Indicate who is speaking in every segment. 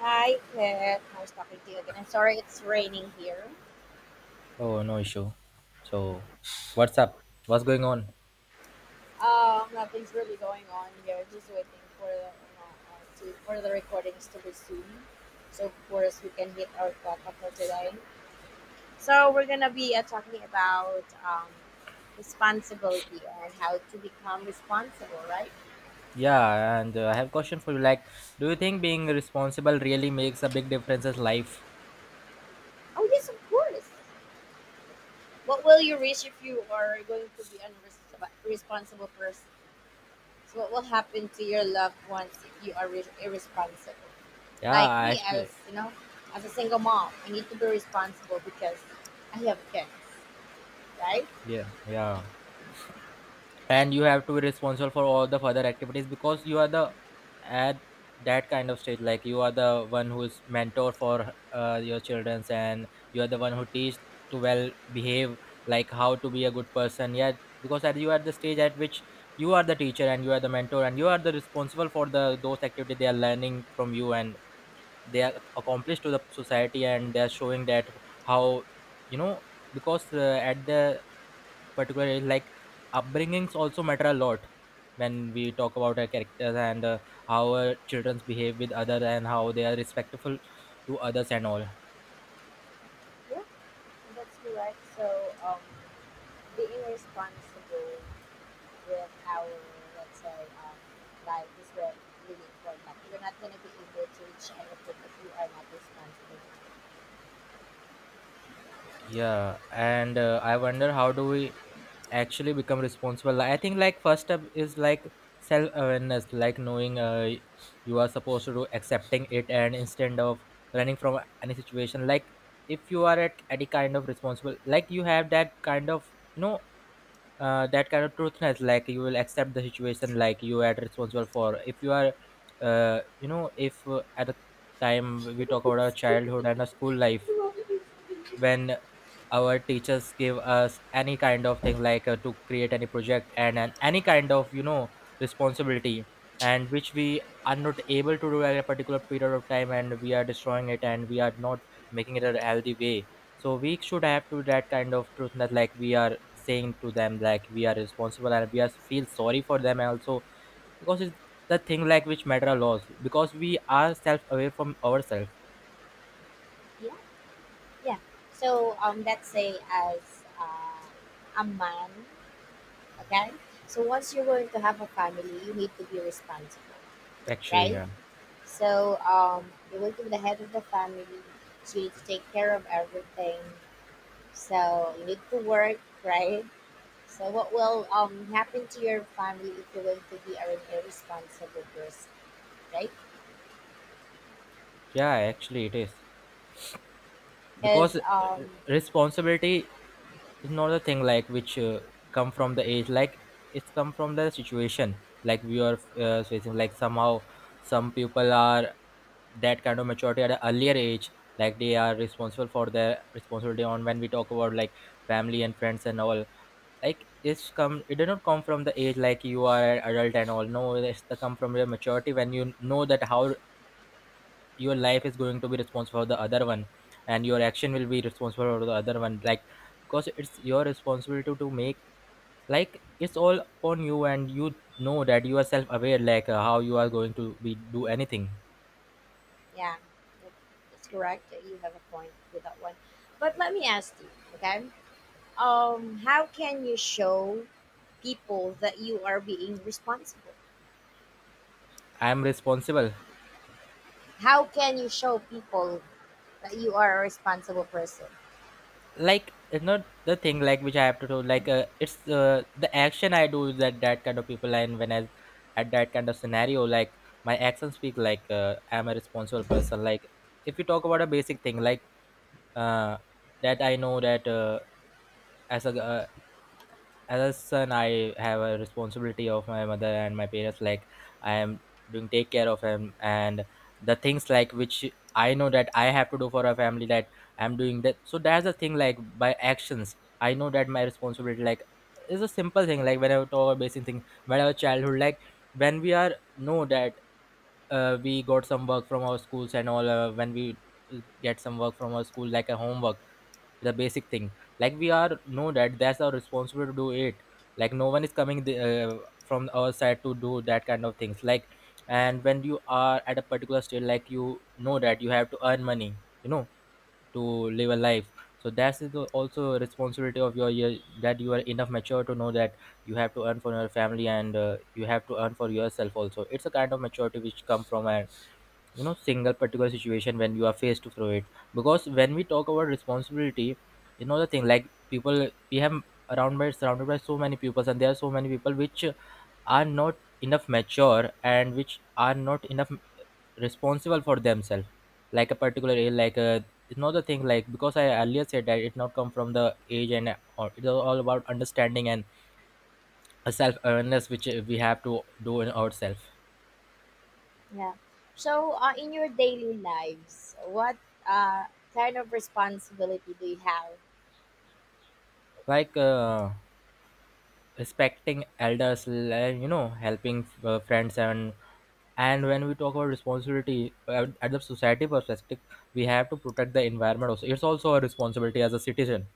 Speaker 1: Hi, Kat. Nice talking to you again. I'm sorry it's raining here.
Speaker 2: Oh, no issue. So, what's up? What's going on?
Speaker 1: Nothing's really going on here. Just waiting for the you know, to, for the recordings to resume. So of course we can hit our quota for today. So we're gonna be talking about responsibility and how to become responsible, right?
Speaker 2: Yeah, and I have a question for you. Like, do you think being responsible really makes a big difference in life?
Speaker 1: Oh yes, of course. What will you risk if you are going to be an irresponsible person? So what will happen to your loved ones if you are irresponsible?
Speaker 2: Yeah,
Speaker 1: Like me, as
Speaker 2: actually.
Speaker 1: you know, as a single mom, I need to be responsible because I have kids, right?
Speaker 2: Yeah, yeah. And you have to be responsible for all the further activities because you are the at that kind of stage, like you are the one who's mentor for your childrens, and you are the one who teach to well behave, like how to be a good person, yeah, because at you are the stage at which you are the teacher and you are the mentor and you are the responsible for the those activities they are learning from you, and they are accomplished to the society, and they are showing that how, you know, because at the particular is like upbringings also matter a lot when we talk about our characters, and how our childrens behave with others and how they are respectful to others and all.
Speaker 1: Yeah, that's correct. So, um, being responsible with our, let's say, life is really important. You're not going to be able to reach anything if you are not responsible.
Speaker 2: Yeah, and I wonder how do we actually become responsible. Like, I think, like, first step is like self awareness, like knowing you are supposed to do, accepting it and instead of running from any situation. Like, if you are at any kind of responsible, like you have that kind of, you know, that kind of truthness, like you will accept the situation, like you are responsible for. If you are you know, if at the time we talk about our childhood and our school life, when our teachers give us any kind of thing, like to create any project, and any kind of, you know, responsibility, and which we are not able to do at a particular period of time, and we are destroying it, and we are not making it a healthy way. So we should have to that kind of truth that, like, we are saying to them like we are responsible, and we are feel sorry for them also, because it's the thing like which matter a lot, because we are self aware from ourselves.
Speaker 1: Yeah, yeah. So let's say as a man, okay, so once you're going to have a family you need to be responsible,
Speaker 2: Actually,
Speaker 1: right?
Speaker 2: yeah.
Speaker 1: So, you will be the head of the family. So you need to take care of everything. So you need to work, right? So what will happen to your family if you're going to be an irresponsible person, right?
Speaker 2: Yeah, actually it is, because
Speaker 1: Because
Speaker 2: responsibility is not a thing like which come from the age, like it's come from the situation, like we are facing. Like, somehow some people are that kind of maturity at an earlier age, like they are responsible for their responsibility on, when we talk about like family and friends and all. Like, it's come, it did not come from the age, like you are an adult and all. No, it's the come from your maturity, when you know that how your life is going to be responsible for the other one, and your action will be responsible for the other one, like because it's your responsibility to make, like it's all upon you, and you know that you are self aware, like how you are going to be do anything.
Speaker 1: yeah, that- that's correct. You have a point with that one. But let me ask you, okay? How can you show people that you are being responsible?
Speaker 2: I am responsible.
Speaker 1: How can you show people that you are a responsible person?
Speaker 2: Like, it's not the thing like which I have to do. Like, it's the action I do is that that kind of people, and when I at that kind of scenario, like my actions speak like I'm a responsible person. Like, if you talk about a basic thing, like uh, that I know that as a uh, as a son, I have a responsibility of my mother and my parents. Like, I am doing take care of him, and the things like which I know that I have to do for a family, that I'm doing that, so that's the thing, like by actions I know that my responsibility, like is a simple thing. Like, when I talk about basic thing, whenever childhood, like when we are know that, we got some work from our schools and all. When we get some work from our school, like a homework, the basic thing, like we are know that that's our responsibility to do it, like no one is coming the, from our side to do that kind of things. Like, and when you are at a particular state, like you know that you have to earn money, you know, to live a life. So that's is the also responsibility of your year, that you are enough mature to know that you have to earn for your family, and you have to earn for yourself also. It's a kind of maturity which come from a, you know, single particular situation, when you are faced through it. Because when we talk about responsibility, you know, the thing like people we have around, by surrounded by so many people, and there are so many people which are not enough mature and which are not enough responsible for themselves, like a particular age, like a, you know, the thing like because I earlier said that it not come from the age, and or it's all about understanding and a self awareness, which we have to do in ourselves.
Speaker 1: Yeah. So, in your daily lives, what uh, kind of responsibility do you have?
Speaker 2: Like, respecting elders, you know, helping friends. And when we talk about responsibility at the society perspective, we have to protect the environment also. It's also a responsibility as a citizen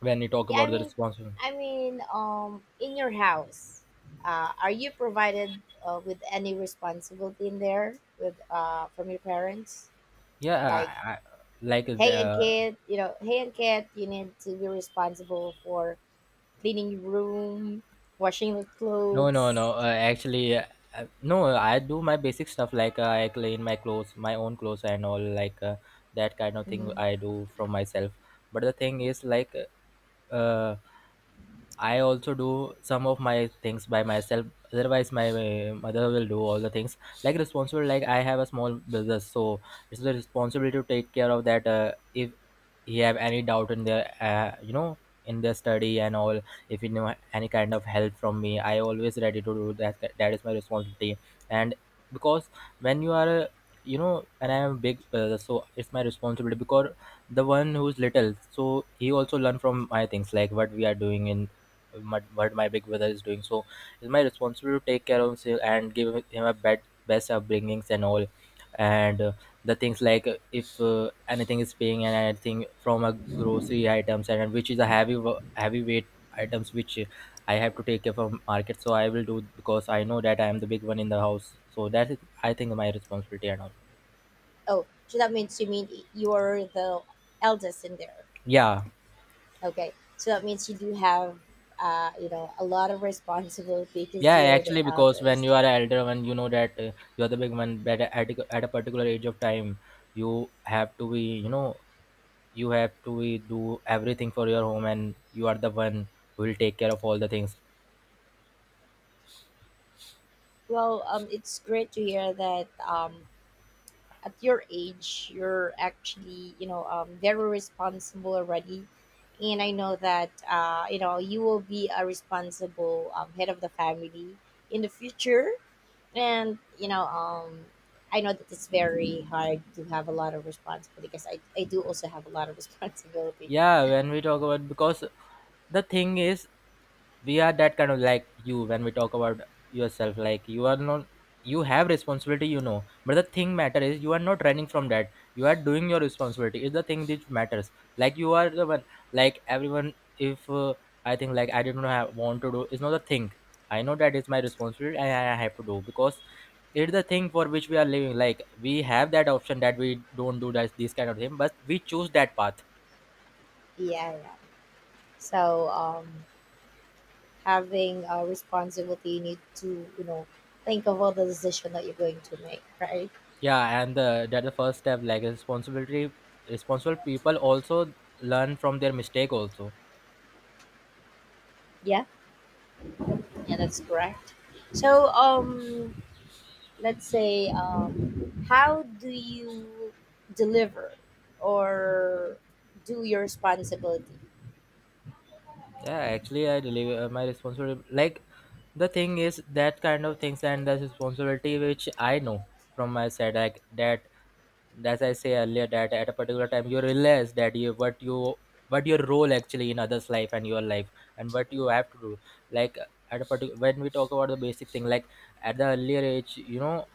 Speaker 2: when you talk
Speaker 1: Yeah,
Speaker 2: about the responsibility.
Speaker 1: I mean, in your house, are you provided with any responsibility in there with from your parents?
Speaker 2: Yeah. I,
Speaker 1: Like,
Speaker 2: I, like
Speaker 1: hey, and
Speaker 2: the,
Speaker 1: kid, you know, hey, and kid, you need to be responsible for cleaning your room, washing the
Speaker 2: no, no, no,
Speaker 1: clothes.
Speaker 2: actually no, I do my basic stuff, like I clean my clothes, my own clothes and all. Like, that kind of thing
Speaker 1: Mhm.
Speaker 2: I do from myself. But the thing is like, uh, I also do some of my things by myself. Otherwise, my mother will do all the things. Like responsible, like I have a small business, so it's the responsibility to take care of that. If he have any doubt in their, you know, in their study and all, if he know any kind of help from me, I always ready to do that. That is my responsibility. And because when you are, you know, and I am a big brother, so it's my responsibility, because the one who's little, so he also learn from my things, like what we are doing in my, what my big brother is doing. So it's my responsibility to take care of him and give him a best upbringings and all. And the things like, if anything is paying and anything from a grocery items, and which is a heavyweight items, which I have to take care from market, so I will do, because I know that I am the big one in the house. So that is, I think, my responsibility and all.
Speaker 1: Oh, so that means you mean you're the eldest in there.
Speaker 2: Yeah.
Speaker 1: Okay, so that means you do have, you know, a lot of responsibility
Speaker 2: Yeah,
Speaker 1: because you're the
Speaker 2: actually, because when you
Speaker 1: eldest.
Speaker 2: are an elder one, you know that you are the big one. But at a particular age of time, you have to be, you know, you have to be, do everything for your home, and you are the one who will take care of all the things.
Speaker 1: Well, it's great to hear that at your age you're actually, you know, very responsible already, and I know that you know you will be a responsible head of the family in the future, and you know, I know that it's very hard to have a lot of responsibility because I do also have a lot of responsibility.
Speaker 2: Yeah, when we talk about, because the thing is, we are that kind of like you, when we talk about yourself, like you are not, you have responsibility, you know. But the thing matter is, you are not running from that, you are doing your responsibility, is the thing that matters. Like, you are the one, like everyone, if I think, like I didn't have, want to do, it's not the thing, I know that it's my responsibility and I have to do, because it's the thing for which we are living. Like, we have that option that we don't do that this kind of thing, but we choose that path.
Speaker 1: Yeah, yeah. So having a responsibility, you need to, you know, think of all the decision that you're going to make, right?
Speaker 2: Yeah, and the, that the first step like responsibility, responsible people also learn from their mistake also.
Speaker 1: Yeah, yeah, that's correct. So let's say, how do you deliver or do your responsibility?
Speaker 2: Yeah, actually I believe my responsibility, like the thing is that kind of things and the responsibility which I know from my side, like that, as I say earlier, that at a particular time you realize that you what you, what your role actually in others life and your life, and what you have to do. Like, at a particular, when we talk about the basic thing, like at the earlier age, you know,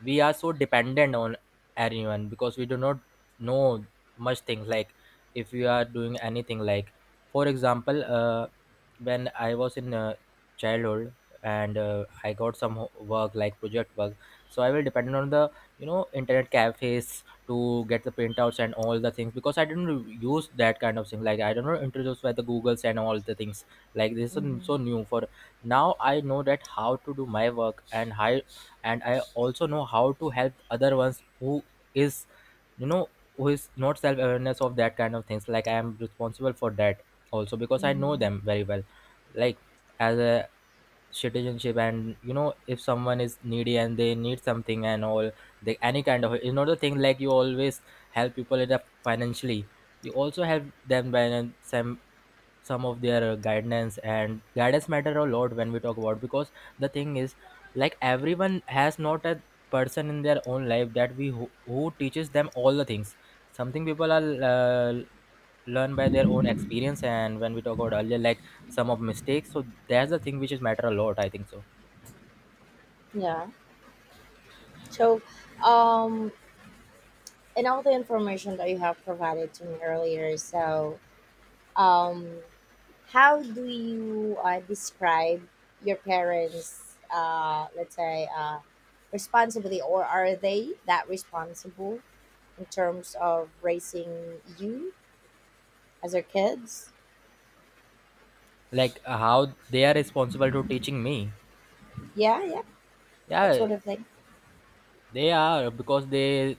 Speaker 2: we are so dependent on anyone, because we do not know much things. Like, if we are doing anything, like for example, when I was in childhood, and I got some work, like project work, so I will depend on the, you know, internet cafes to get the printouts and all the things, because I didn't re- use that kind of thing, like I don't know, introduced by the googles and all the things. Like, this is so
Speaker 1: Hmm.
Speaker 2: new for, now I know that how to do my work and how, and I also know how to help other ones who is, you know, who is not self awareness of that kind of things, like I am responsible For that also, because I know
Speaker 1: Hmm.
Speaker 2: them very well. Like, as a citizenship, and you know, if someone is needy and they need something and all, they any kind of the thing, like, you always help people in a financially, you also help them by in some of their guidance, and guidance matter a lot when we talk about, because the thing is, like, everyone has not a person in their own life that we who teaches them all the things. Something people are learn by their own experience. And when we talk about earlier, like, some of mistakes, so that's the thing which is matter a lot, I think so.
Speaker 1: Yeah. So um, and all the information that you have provided to me earlier, so Um, how do you describe your parents, let's say, responsibility, or are they that responsible in terms of raising you as their kids?
Speaker 2: Like, how they are responsible to teaching me,
Speaker 1: Yeah, yeah, that
Speaker 2: yeah.
Speaker 1: sort of thing.
Speaker 2: They are, because they,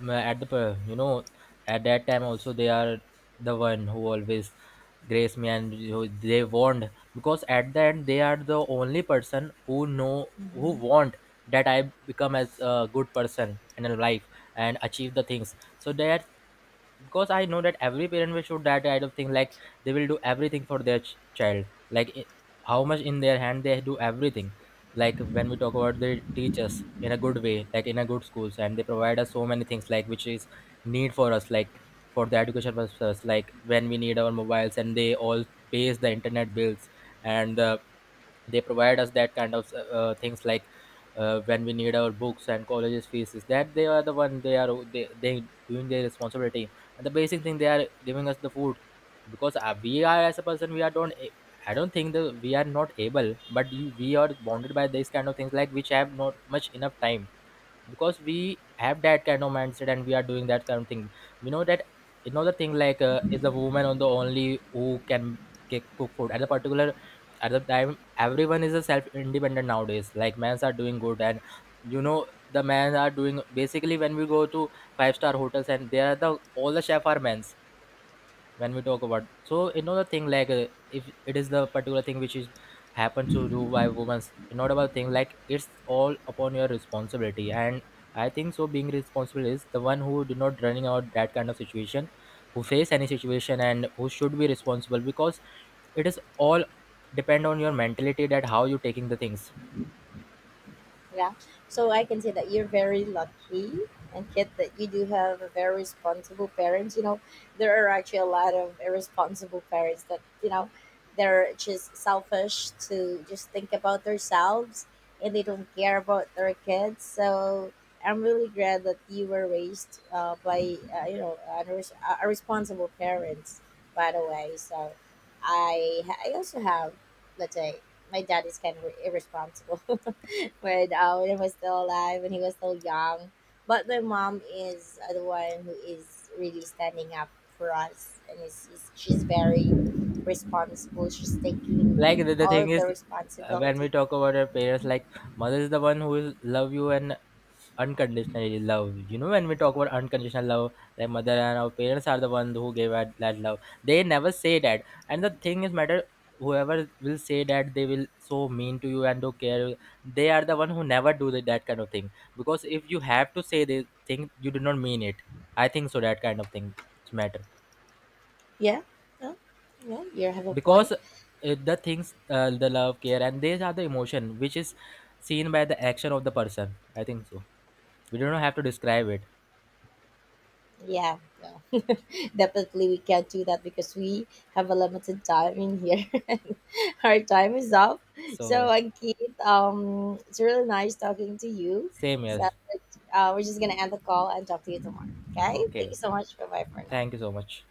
Speaker 2: at the, you know at that time also, they are the one who always grace me and you, they warned, because at the end they are the only person who know, who want that I become as a good person in life and achieve the things. So that, because I know that every parent will show that kind of thing. Like, they will do everything for their child. Like, how much in their hand, they do everything. Like, when we talk about the teachers in a good way, like in a good schools, and they provide us so many things like which is need for us. Like, for the education purposes, like when we need our mobiles, and they all pays the internet bills, and they provide us that kind of things. Like, when we need our books and colleges fees is that, they are the one, they are they doing their responsibility. And the basic thing, they are giving us the food. Because we are as a person, we are don't I don't think that we are not able, but you, we are bonded by these kind of things, like which have not much enough time, because we have that kind of mindset and we are doing that kind of thing. We know that another thing, like, is the woman on the only who can cook food at the particular, at the time. Everyone is a self independent nowadays, like men's are doing good, and you know the men are doing basically when we go to five star hotels, and there are the all the chef are men's. When we talk about, so you know the thing, like, if it is the particular thing which is happen to do by women, it's not about thing, like it's all upon your responsibility. And I think so, being responsible is the one who do not running out that kind of situation, who face any situation and who should be responsible, because it is all depend on your mentality, that how you taking the things.
Speaker 1: Yeah. So I can say that you're very lucky, and kid, that you do have a very responsible parents. You know, there are actually a lot of irresponsible parents that, you know, they're just selfish to just think about themselves and they don't care about their kids. So I'm really glad that you were raised by, you know, a responsible parents, by the way. So I also have, let's say, my dad is kind of irresponsible when he was still alive, when he was still young. But my mom is the one who is really standing up for us, and is she's very responsible. She's
Speaker 2: Like, the,
Speaker 1: taking
Speaker 2: the
Speaker 1: all
Speaker 2: thing
Speaker 1: of
Speaker 2: is,
Speaker 1: the
Speaker 2: when we
Speaker 1: responsibility.
Speaker 2: talk about our parents, like, mother is the one who will love you, and unconditionally love. You know, when we talk about unconditional love, like mother and our parents are the one who gave us that love. They never say that. And the thing is matter, whoever will say that they will so mean to you and don't care, they are the one who never do that kind of thing. Because if you have to say the thing, you do not mean it. I think so that kind of thing matter.
Speaker 1: Yeah, no, no, you have a point.
Speaker 2: Because the things, the love, care, and these are the emotion which is seen by the action of the person, I think so. We don't have to describe it.
Speaker 1: Yeah. Yeah. Definitely, we can't do that because we have a limited time in here. And our time is up. So,
Speaker 2: So
Speaker 1: it's really nice talking to you.
Speaker 2: same,
Speaker 1: So,
Speaker 2: yes.
Speaker 1: we're just gonna end the call and talk to you tomorrow. Okay?
Speaker 2: Okay,
Speaker 1: Thank you so
Speaker 2: okay,
Speaker 1: much. Bye bye for now.
Speaker 2: thank you so much.